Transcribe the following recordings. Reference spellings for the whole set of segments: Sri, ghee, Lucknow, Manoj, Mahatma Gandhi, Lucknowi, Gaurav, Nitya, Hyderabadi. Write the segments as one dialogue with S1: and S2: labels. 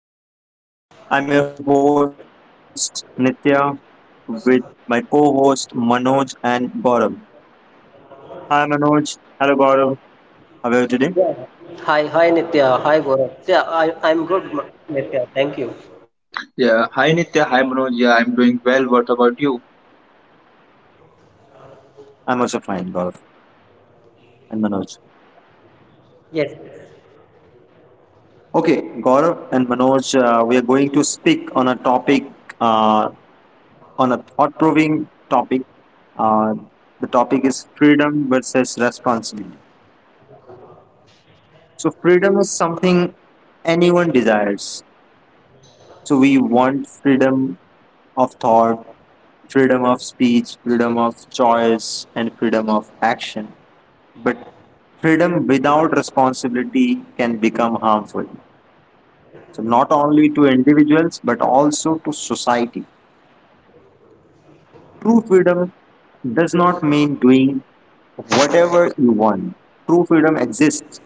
S1: Welcome back to my show. I'm your host Nitya with my co-host Manoj and Gaurav. Hi Manoj, hello Gaurav, how are you today?
S2: Yeah. Hi, hi Nitya. Hi Gaurav. Yeah, I'm good, Nitya. Thank you.
S3: Yeah, hi Nitya, hi Manoj. Yeah, I'm doing well. What about you?
S1: I'm also fine, Gaurav and Manoj.
S2: Yes,
S1: Okay, Gaurav and Manoj, we are going to speak on a topic, uh, on a thought-provoking topic. Uh, the topic is freedom versus responsibility. So freedom is something anyone desires. So we want freedom of thought, freedom of speech, freedom of choice, and freedom of action. But freedom without responsibility can become harmful. So, not only to individuals but also to society. True freedom does not mean doing whatever you want. True freedom exists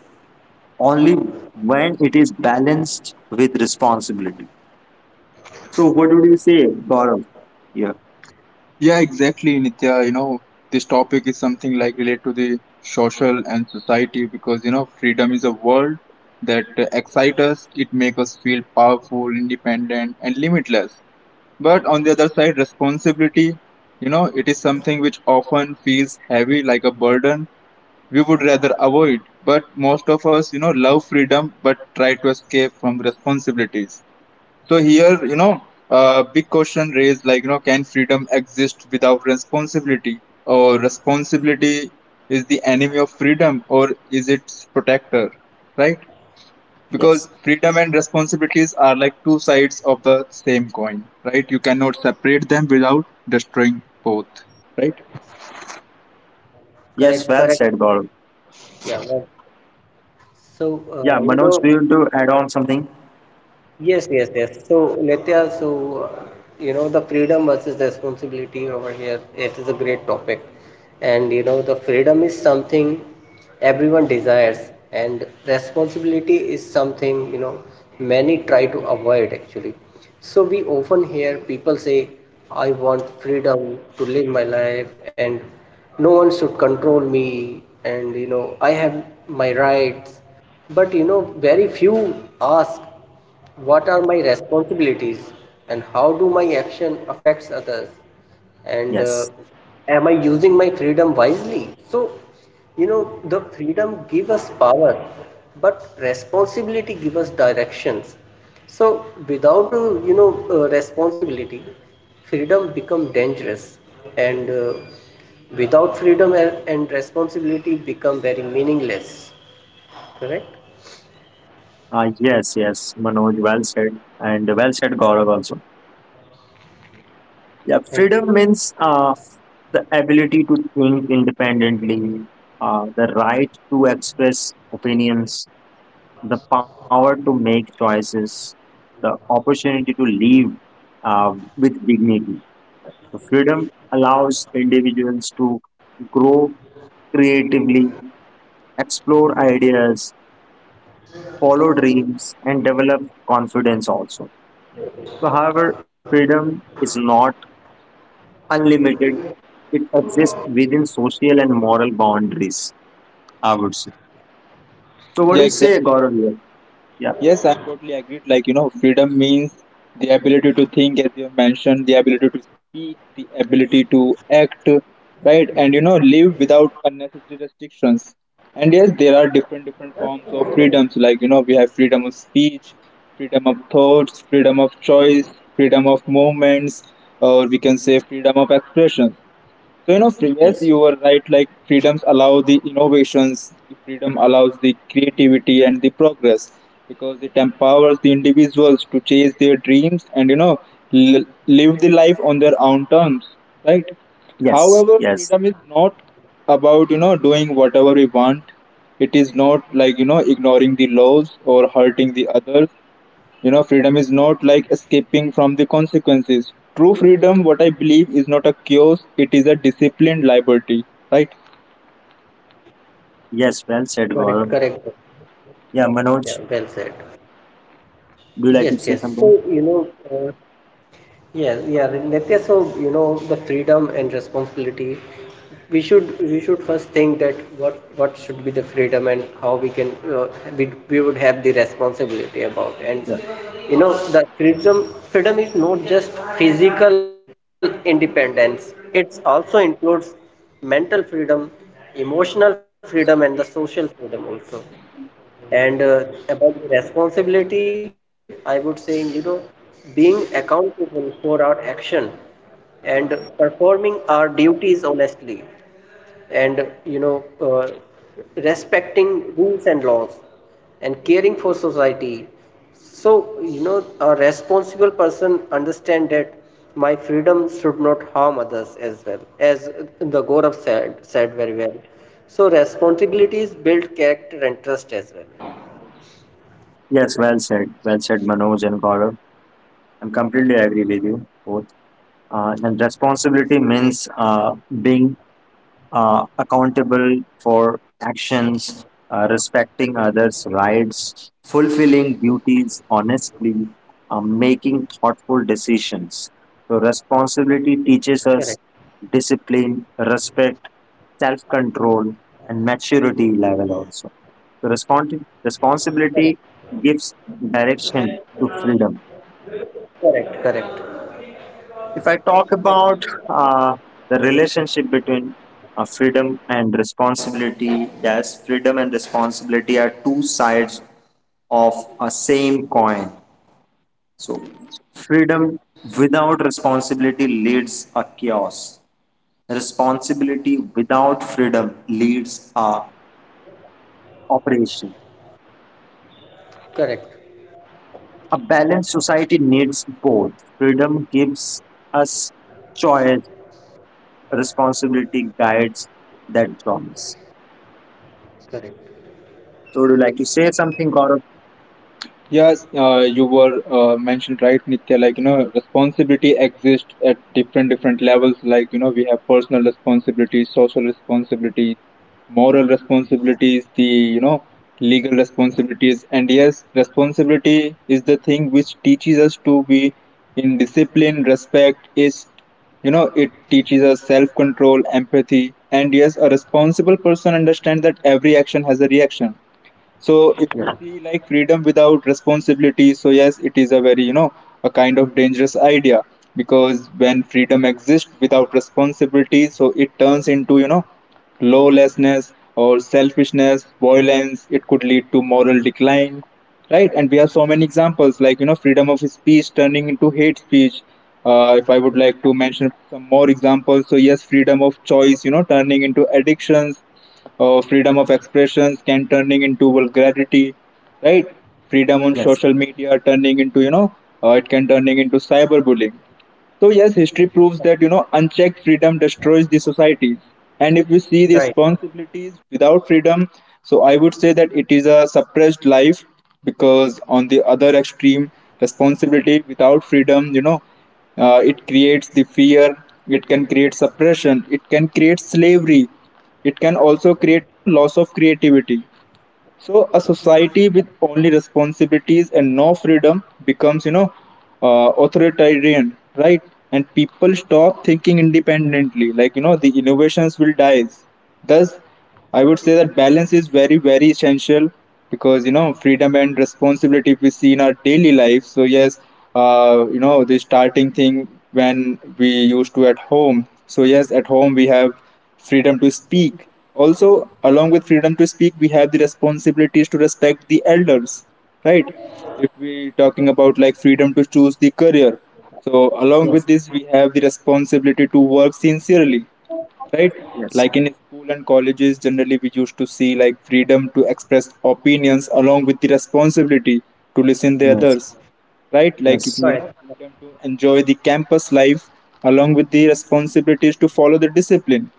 S1: only when it is balanced with responsibility. So, what would you say, Gaurav? Yeah.
S3: Yeah, exactly, Nitya. This topic is something like related to the social and society because freedom is a word that excites us, it makes us feel powerful, independent, and limitless. But on the other side, responsibility, it is something which often feels heavy like a burden we would rather avoid. But most of us, love freedom but try to escape from responsibilities. So here, big question raised like, can freedom exist without responsibility? Or responsibility is the enemy of freedom or is its protector, right?
S1: Yes.
S3: Because freedom and responsibilities are like two sides of the same coin, right? You cannot separate them without destroying both, right?
S1: Yes,
S2: correct,
S1: well
S2: correct.
S1: said, Gaurav.
S2: Yeah, So,
S1: Yeah,
S2: uh, you
S1: Manoj,
S2: know,
S1: do you want to add on something?
S2: Yes, yes, yes. So, Nitya, you know, the freedom versus responsibility over here. It is a great topic, and you know the freedom is something everyone desires, and responsibility is something many try to avoid actually. So we often hear people say, "I want freedom to live my life," and no one should control me, and you know I have my rights but very few ask what are my responsibilities and how do my action affects others and
S1: Yes.
S2: am I using my freedom wisely? So, you know, the freedom give us power, but responsibility give us directions. So, without responsibility, freedom become dangerous and without freedom and responsibility become very meaningless. Correct?
S1: Yes, yes, Manoj, well said, and well said, Gaurav also. Yeah,
S2: Thank you.
S1: freedom means, the ability to think independently, the right to express opinions, the power to make choices, the opportunity to live, uh, with dignity. The freedom allows individuals to grow creatively, explore ideas, follow dreams, and develop confidence also. So, however, freedom is not unlimited, it exists within social and moral boundaries, I would say. So, what
S3: Yeah,
S1: do you say,
S3: exactly.
S1: Gaurav? Here? Yeah,
S3: Yes, I'm totally agreed. Like, freedom means the ability to think, as you have mentioned, the ability to speak, the ability to act, right? And, live without unnecessary restrictions. And yes, there are different, different forms of freedoms. Like, we have freedom of speech, freedom of thoughts, freedom of choice, freedom of movements, or we can say freedom of expression. So Sri, yes,
S1: yes,
S3: you were right. Like freedoms allow the innovations, freedom allows the creativity and the progress because it empowers the individuals to chase their dreams and live the life on their own terms, right?
S1: yes,
S3: However,
S1: yes,
S3: freedom is not about doing whatever we want. It is not like ignoring the laws or hurting the others. Freedom is not like escaping from the consequences. True freedom, what I believe, is not a chaos, it is a disciplined liberty, right?
S1: yes, well said,
S2: Correct,
S1: Gaurav.
S2: correct.
S1: Yeah,
S2: Yeah,
S1: Manoj,
S2: well said.
S1: do you like to
S2: Yes,
S1: say
S2: yes.
S1: something?
S2: Nitya, so, you know, the freedom and responsibility, we should first think that what should be the freedom and how we would have the responsibility about.
S1: Yeah,
S2: And you know the freedom is not just physical independence, it's also includes mental freedom, emotional freedom, and the social freedom also. And about the responsibility, I would say, you know, being accountable for our action and performing our duties honestly and, respecting rules and laws and caring for society. So, you know, a responsible person understand that my freedom should not harm others as well, as the Gaurav said, said very well. So responsibilities build character and trust as well.
S1: yes, well said, Manoj and Gaurav. I'm completely agree
S2: Yeah.
S1: with you both. And responsibility
S2: Yes.
S1: means, being, accountable for actions, respecting others' rights, fulfilling duties honestly, making thoughtful decisions. So, responsibility
S2: Correct.
S1: teaches us discipline, respect, self control, and maturity level also. So,
S2: Correct.
S1: responsibility gives direction to freedom.
S2: Correct. Correct.
S1: If I talk
S3: Exactly.
S1: about, uh, the relationship between, freedom and responsibility, yes, freedom and responsibility are two sides of a same coin. So, freedom without responsibility leads a chaos. Responsibility without freedom leads a operation.
S2: Correct.
S1: A balanced society needs both. Freedom gives us choice. Responsibility guides that promise.
S2: Correct.
S1: So would you like to say something, Gaurav?
S3: Yes, you were mentioned right, Nitya. Like responsibility exists at different different levels. Like we have personal responsibilities, social responsibilities, moral responsibilities, the legal responsibilities, and yes, responsibility is the thing which teaches us to be in discipline, respect. Is it teaches us self control, empathy, and yes, a responsible person understands that every action has a reaction, so if we
S1: Yes,
S3: see like freedom without responsibility, so yes, it is a very, a kind of dangerous idea because when freedom exists without responsibility, so it turns into, lawlessness or selfishness, violence. It could lead to moral decline, right? And we have so many examples like, freedom of speech turning into hate speech. If I would like to mention some more examples, so yes, freedom of choice, turning into addictions, freedom of expressions can turning into vulgarity, right? Freedom on
S1: yes,
S3: social media turning into, it can turning into cyberbullying. So yes, history proves that unchecked freedom destroys the societies. And if we see the
S2: Right.
S3: responsibilities without freedom, so I would say that it is a suppressed life because on the other extreme, responsibility without freedom, it creates the fear. It can create suppression. It can create slavery. It can also create loss of creativity. So a society with only responsibilities and no freedom becomes, authoritarian, right? And people stop thinking independently. Like the innovations will die. Thus, I would say that balance is very, very essential because freedom and responsibility we see in our daily life. So yes, the starting thing when we used to at home. So yes, at home we have freedom to speak. Also, along with freedom to speak, we have the responsibilities to respect the elders, right? If we talking about like freedom to choose the career, so along
S1: yes.
S3: with this, we have the responsibility to work sincerely, right?
S1: Yes.
S3: Like in school and colleges, generally we used to see like freedom to express opinions along with the responsibility to listen the
S1: Yes,
S3: others, right? Like if
S1: yes,
S2: Correct.
S3: freedom to enjoy the campus life along with the responsibilities to follow the discipline,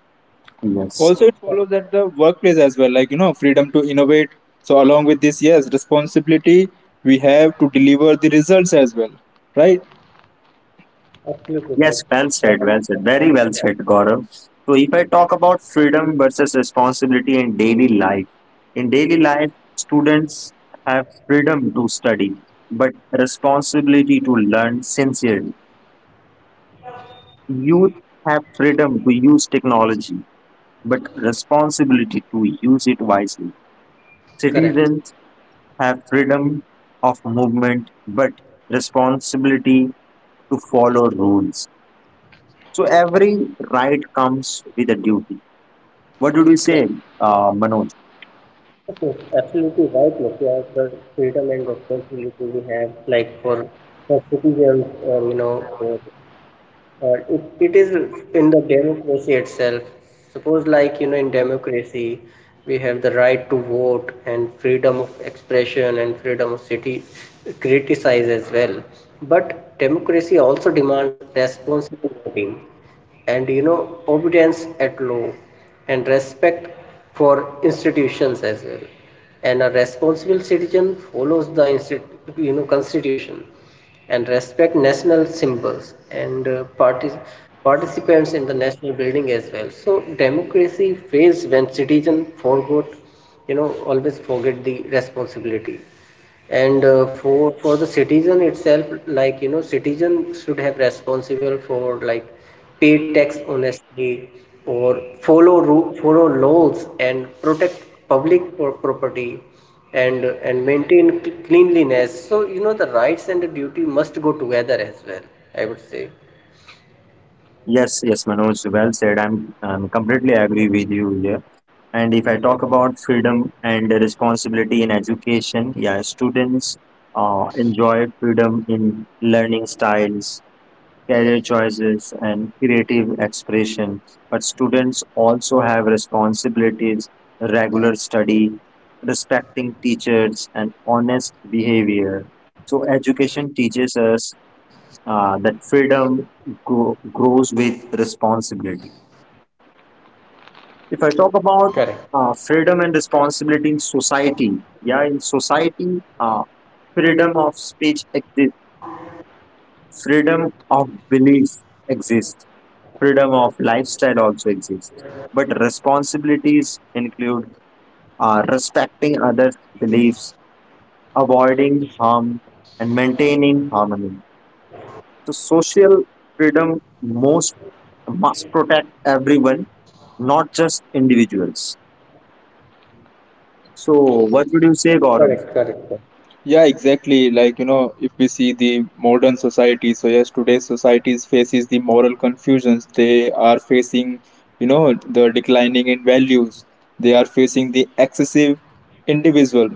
S1: yes.
S3: also it
S2: Correct.
S3: follows at the workplace as well, like freedom to innovate, so along with this yes responsibility we have to deliver the results as well, right?
S2: Absolutely
S1: Yes,
S2: right.
S1: well said, well said.
S2: Yeah.
S1: Very well
S2: Yeah.
S1: said, Gaurav. So if I talk about freedom versus responsibility in daily life, students have freedom to study, but responsibility to learn sincerely. Youth have freedom to use technology, but responsibility to use it wisely.
S2: Correct.
S1: Citizens have freedom of movement but responsibility to follow rules. So every right comes with a duty. What did you
S2: Correct.
S1: say, Manoj?
S2: Yes, yes, absolutely right. Like, yeah, the freedom and responsibility we have, like for citizens, or you know, for. It is in the democracy itself. Suppose, like, you know, in democracy, we have the right to vote and freedom of expression and freedom of city criticize as well. But democracy also demands responsible voting and, you know, obedience at law and respect for institutions as well. And a responsible citizen follows the, you know, constitution and respect national symbols and participants in the national building as well. So democracy fails when citizen forgot, you know, always forget the responsibility. And for the citizen itself, like you know, citizen should have responsible for like pay tax honestly or follow laws and property and maintain cleanliness. So you know the rights and the duty must go together as well, I would say.
S1: Yes, yes, Manoj, well said. I'm completely agree with you here. And if I talk about freedom and responsibility in education, yeah, students enjoy freedom in learning styles, career choices, and creative expression. But students also have responsibilities, regular study, respecting teachers, and honest behavior. So education teaches us that freedom grows with responsibility.
S2: Correct.
S1: If I talk about, freedom and responsibility in society, yeah, in society, freedom of speech exists, freedom of belief exists, freedom of lifestyle also exists. But responsibilities include, respecting others' beliefs, avoiding harm, and maintaining harmony. So, social freedom most must protect everyone, not just individuals. So,
S2: Correct.
S1: what
S2: Correct.
S1: would you
S2: Correct.
S1: say, Gaurav?
S3: Yeah, exactly. Like, if we see the modern society, so yes, today's societies faces the moral confusions. They are facing, the declining in values. They are facing the excessive individual,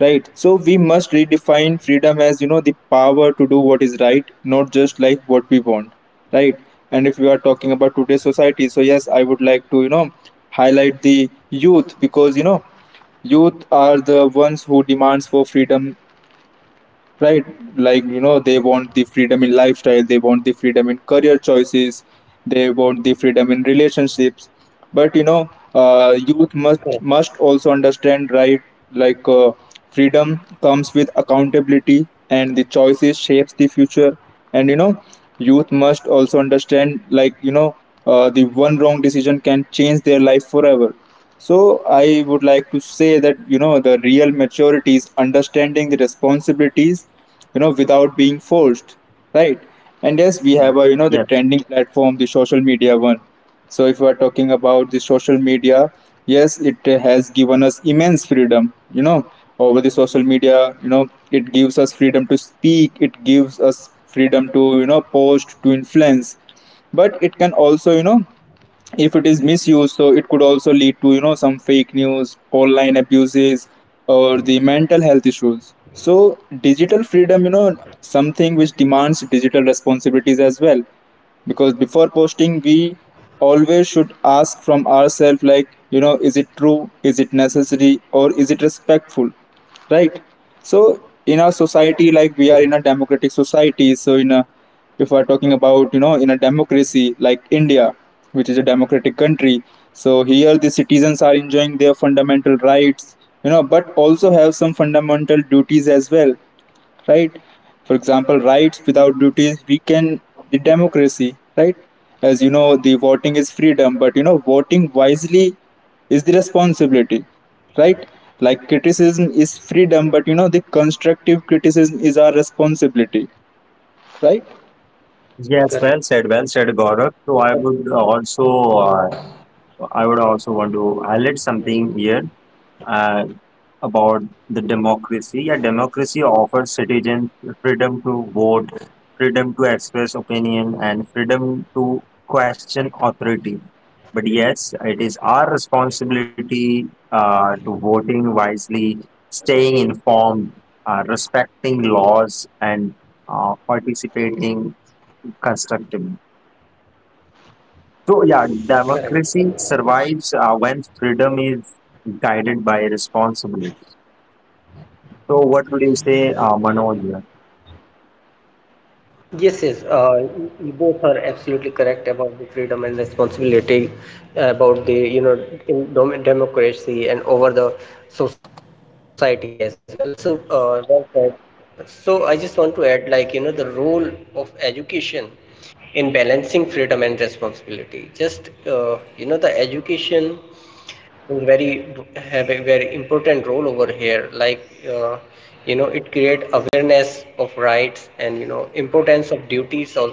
S3: right? So we must redefine freedom as, the power to do what is right, not just like what we want, right? And if we are talking about today's society, so yes, I would like to, highlight the youth because, youth are the ones who demands for freedom, right? Like they want the freedom in lifestyle, they want the freedom in career choices, they want the freedom in relationships, but
S2: Correct.
S3: youth must also understand, right? like uh, freedom comes with accountability and the choices shapes the future, and youth must also understand like the one wrong decision can change their life forever. So I would like to say that the real maturity is understanding the responsibilities, without being forced, right? And yes, we have a the
S1: Yes,
S3: trending platform, the social media one. So if we are talking about the social media, yes, it has given us immense freedom, over the social media. You know it gives us freedom to speak. It gives us freedom to post to influence, but it can also if it is misused, so it could also lead to some fake news, online abuses, or the mental health issues. So digital freedom, something which demands digital responsibilities as well, because before posting we always should ask from ourselves like is it true, is it necessary, or is it respectful, right? So in our society, like we are in a democratic society, so in a, if we are talking about in a democracy like India, which is a democratic country, so here the citizens are enjoying their fundamental rights, but also have some fundamental duties as well, right? For example, rights without duties weaken the democracy, right? As you know, the voting is freedom, but voting wisely is the responsibility, right? Like criticism is freedom, but the constructive criticism is our responsibility, right?
S2: Correct.
S1: yes, well said, Gaurav. So, uh, I would also want to highlight something here. Uh, about the democracy. Yeah, democracy offers citizens freedom to vote, freedom to express opinion, and freedom to question authority. But yes, it is our responsibility to voting wisely, staying informed, respecting laws, and participating constructively. So yeah,
S2: Correct.
S1: democracy survives when freedom is guided by responsibility. So what would you say, Manoj?
S2: Yes, yes, you both are absolutely correct about the freedom and responsibility, about the you know in democracy and over the society as well. So, well said. So I just want to add, like you know, the role of education in balancing freedom and responsibility. Just you know, the education very have a very important role over here. Like, uh, you know, it create awareness of rights and you know importance of duties also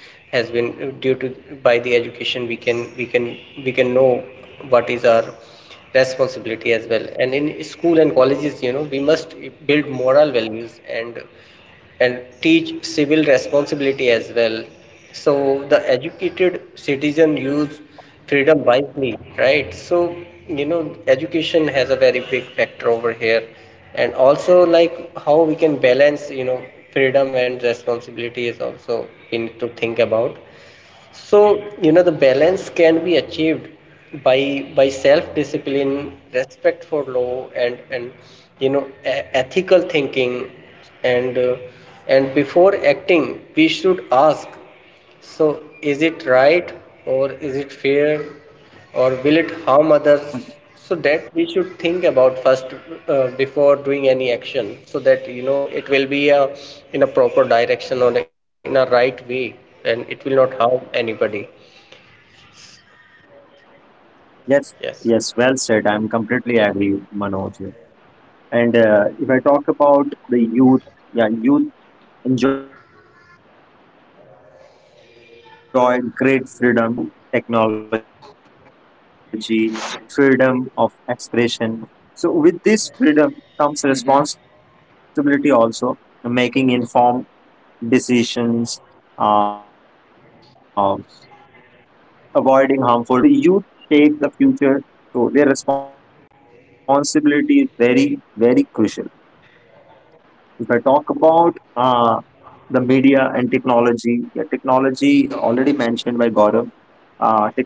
S2: has been due to by the education we can know what is our responsibility as well. And in school and colleges, you know, we must build moral values and teach civil responsibility as well. So the educated citizen use freedom wisely, right? So you know, education has a very big factor over here, and also like how we can balance you know freedom and responsibility is also we need to think about. So, you know, the balance can be achieved by self-discipline, respect for law, and you know, ethical thinking, and uh, and before acting, we should ask, so is it right or is it fair? Or will it harm others, so that we should think about first before doing any action, so that you know it will be a, in a proper direction or in a right way, and it will not harm anybody.
S1: Yes,
S2: Yes.
S1: yes, well said. I'm completely agree, Manoj. And if I talk about the youth, yeah, youth enjoy great freedom today. Choice of careers, access to technology, freedom of expression. So with this freedom comes responsibility also, making informed decisions, uh, avoiding harmful behavior, using social media responsibly. So you take the future. So their responsibility is very, very crucial. If I talk about, the media and technology, yeah, technology already mentioned by Gaurav,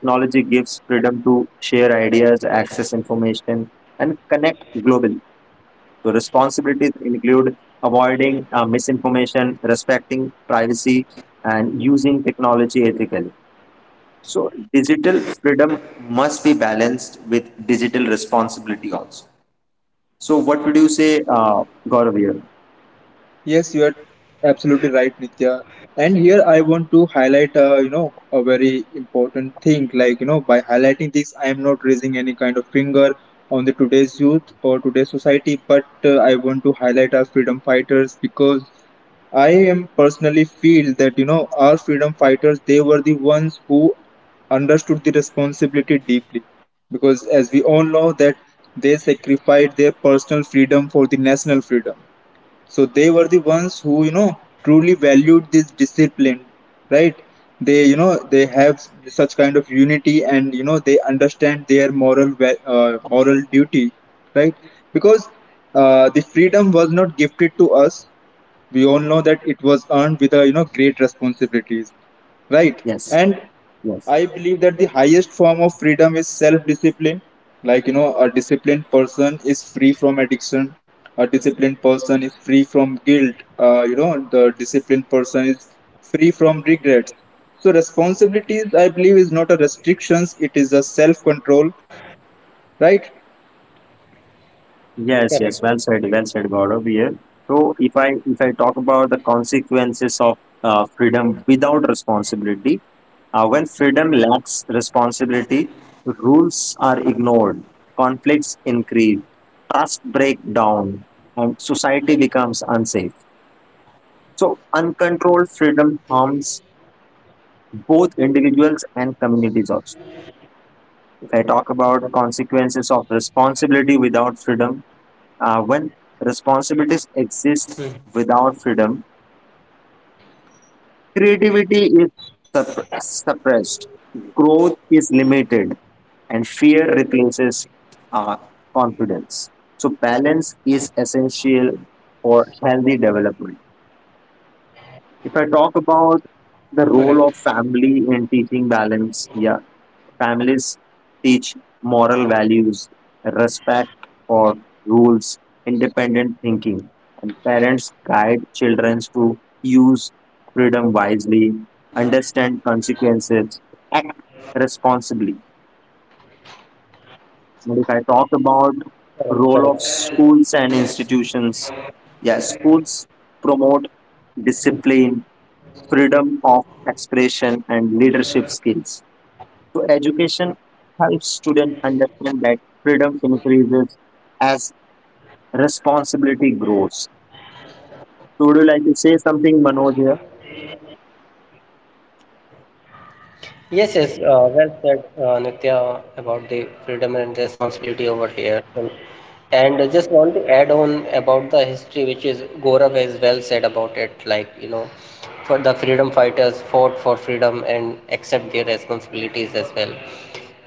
S1: technology gives freedom to share ideas, access information, and connect globally. So responsibilities include avoiding privacy, and using technology ethically. So, digital freedom must be balanced with digital responsibility also. So, what would you say, Gaurav? Here?
S3: Yes, you are absolutely right, Nitya. And here I want to highlight, a very important thing. Like, by highlighting this, I am not raising any kind of finger on the today's youth or today's society, but I want to highlight our freedom fighters because I am personally feel that, our freedom fighters, they were the ones who understood the responsibility deeply. Because as we all know that they sacrificed their personal freedom for the national freedom, so they were the ones who, truly valued this discipline, right? They, they have such kind of unity, and they understand their moral, moral duty, right? Because the freedom was not gifted to us; we all know that it was earned with a great responsibilities, right?
S1: Yes,
S3: And I
S1: yes.
S3: believe that the highest form of freedom is self discipline. Like a disciplined person is free from addiction, a disciplined person is free from guilt, the disciplined person is free from regrets. So responsibilities I believe is not a restrictions, it is a self control, right?
S1: Yes, yes,
S2: Correct.
S1: well said, Gaurav. Yeah. So if I talk about the consequences of, freedom without responsibility, when freedom lacks responsibility, rules are ignored, conflicts increase, trust break down, and society becomes unsafe. So uncontrolled freedom harms both individuals and communities also. If I talk about consequences of responsibility without freedom, when responsibilities
S2: Hmm.
S1: exist without freedom, creativity is suppressed, growth is limited, and fear replaces, uh, confidence. So, balance is essential for healthy development. If I talk about
S2: Correct.
S1: the role of family in teaching balance, yeah, families teach moral values, respect for rules, independent thinking, and parents guide children to use freedom wisely, understand consequences, act responsibly. And if I talk about
S2: Correct,
S1: role of
S2: correct.
S1: schools and institutions, yeah, schools promote
S2: Hmm.
S1: discipline, freedom of expression, and leadership skills. So, education helps students understand that freedom increases as responsibility grows. So, would you like to say something, Manoj, here?
S2: Yes, yes, well said, Nitya, about the freedom and responsibility over here. And I just want to add on about the history, which is Gaurav has well said about it. Like, you know, for the freedom fighters fought for freedom and accept their responsibilities as well.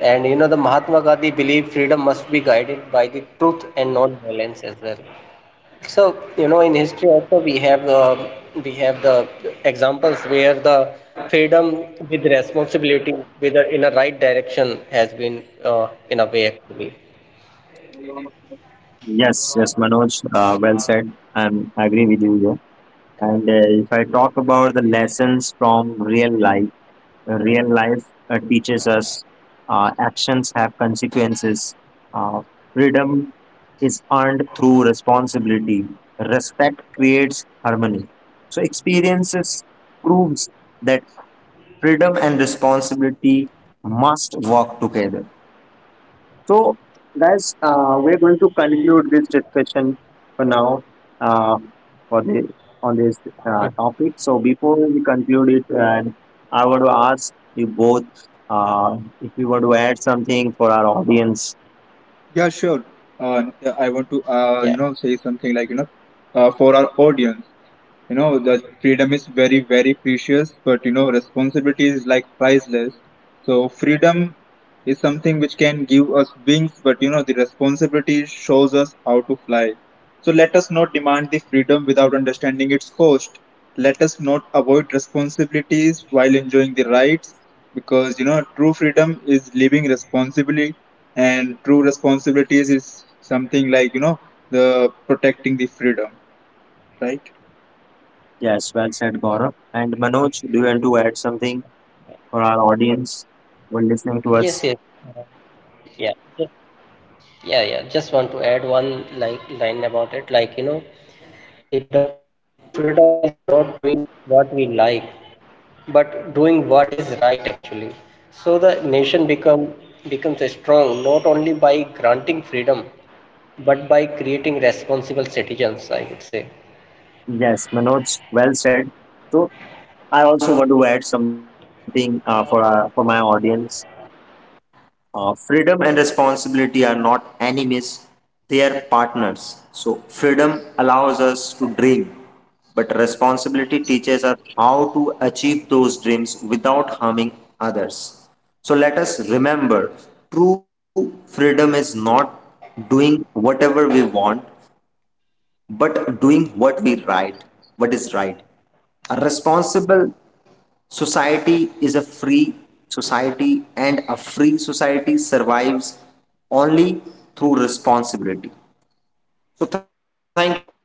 S2: And, you know, the Mahatma Gandhi believed freedom must be guided by the truth and not violence as well. So, you know, in history also we have the examples where the freedom with responsibility, whether in a right direction, has been in a way actually.
S1: Yes, yes, Manoj, well said. I agree with you here. And if I talk about the lessons from real life teaches us, actions have consequences, uh, freedom is earned through responsibility, respect creates harmony, so experiences proves that freedom and responsibility must work together. So, guys, we're going to conclude this discussion for now, uh, for the, on this,
S2: Hmm.
S1: topic. So, before we conclude it, and I want to ask you both, if you want to add something for our audience.
S3: Yeah, sure. Uh, yeah, i want to
S2: Yeah.
S3: say something like for our audience. You know, the freedom is very, very precious, but responsibility is like priceless. So, freedom is something which can give us wings, but the responsibility shows us how to fly. So, let us not demand the freedom without understanding its cost. Let us not avoid responsibilities while enjoying the rights, because true freedom is living responsibly, and true responsibilities is something like the protecting the freedom, right?
S1: Yes, well said, Gaurav. And Manoj, do you want to add something for our audience who are listening to us?
S2: Yes. Yes. Uh, Yeah. Just- Yeah. Yeah, just want to add one like line about it. Like you know, the true freedom is not doing what we like, but doing what is right actually. So the nation becomes strong not only by granting freedom but by creating responsible citizens, I would say.
S1: Yes, Manoj, well said. So, I also want to add something, for my audience. Freedom and responsibility are not enemies, they are partners. So, freedom allows us to dream, but responsibility teaches us how to achieve those dreams without harming others. So, let us remember true freedom is not doing whatever we want, but doing what we right, what is right. A responsible society is a free society, and a free society survives only through responsibility.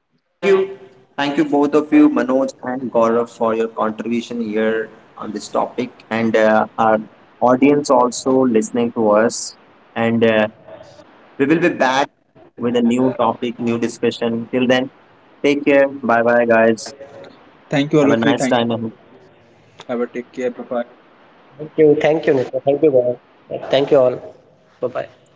S1: So, thank you. Thank you, both of you, Manoj and Gaurav, for your contribution here on this topic, and our audience also. And we will be back with a new topic, new discussion. Till then, take care. Bye bye, guys. Have
S3: Thank
S1: a
S3: you, all
S1: nice
S3: of you.
S1: time
S3: Thank
S1: ahead.
S3: you. Have a take care. Bye bye.
S2: Thank you, Nitya. Thank you, Gaurav. Thank you all. Bye bye.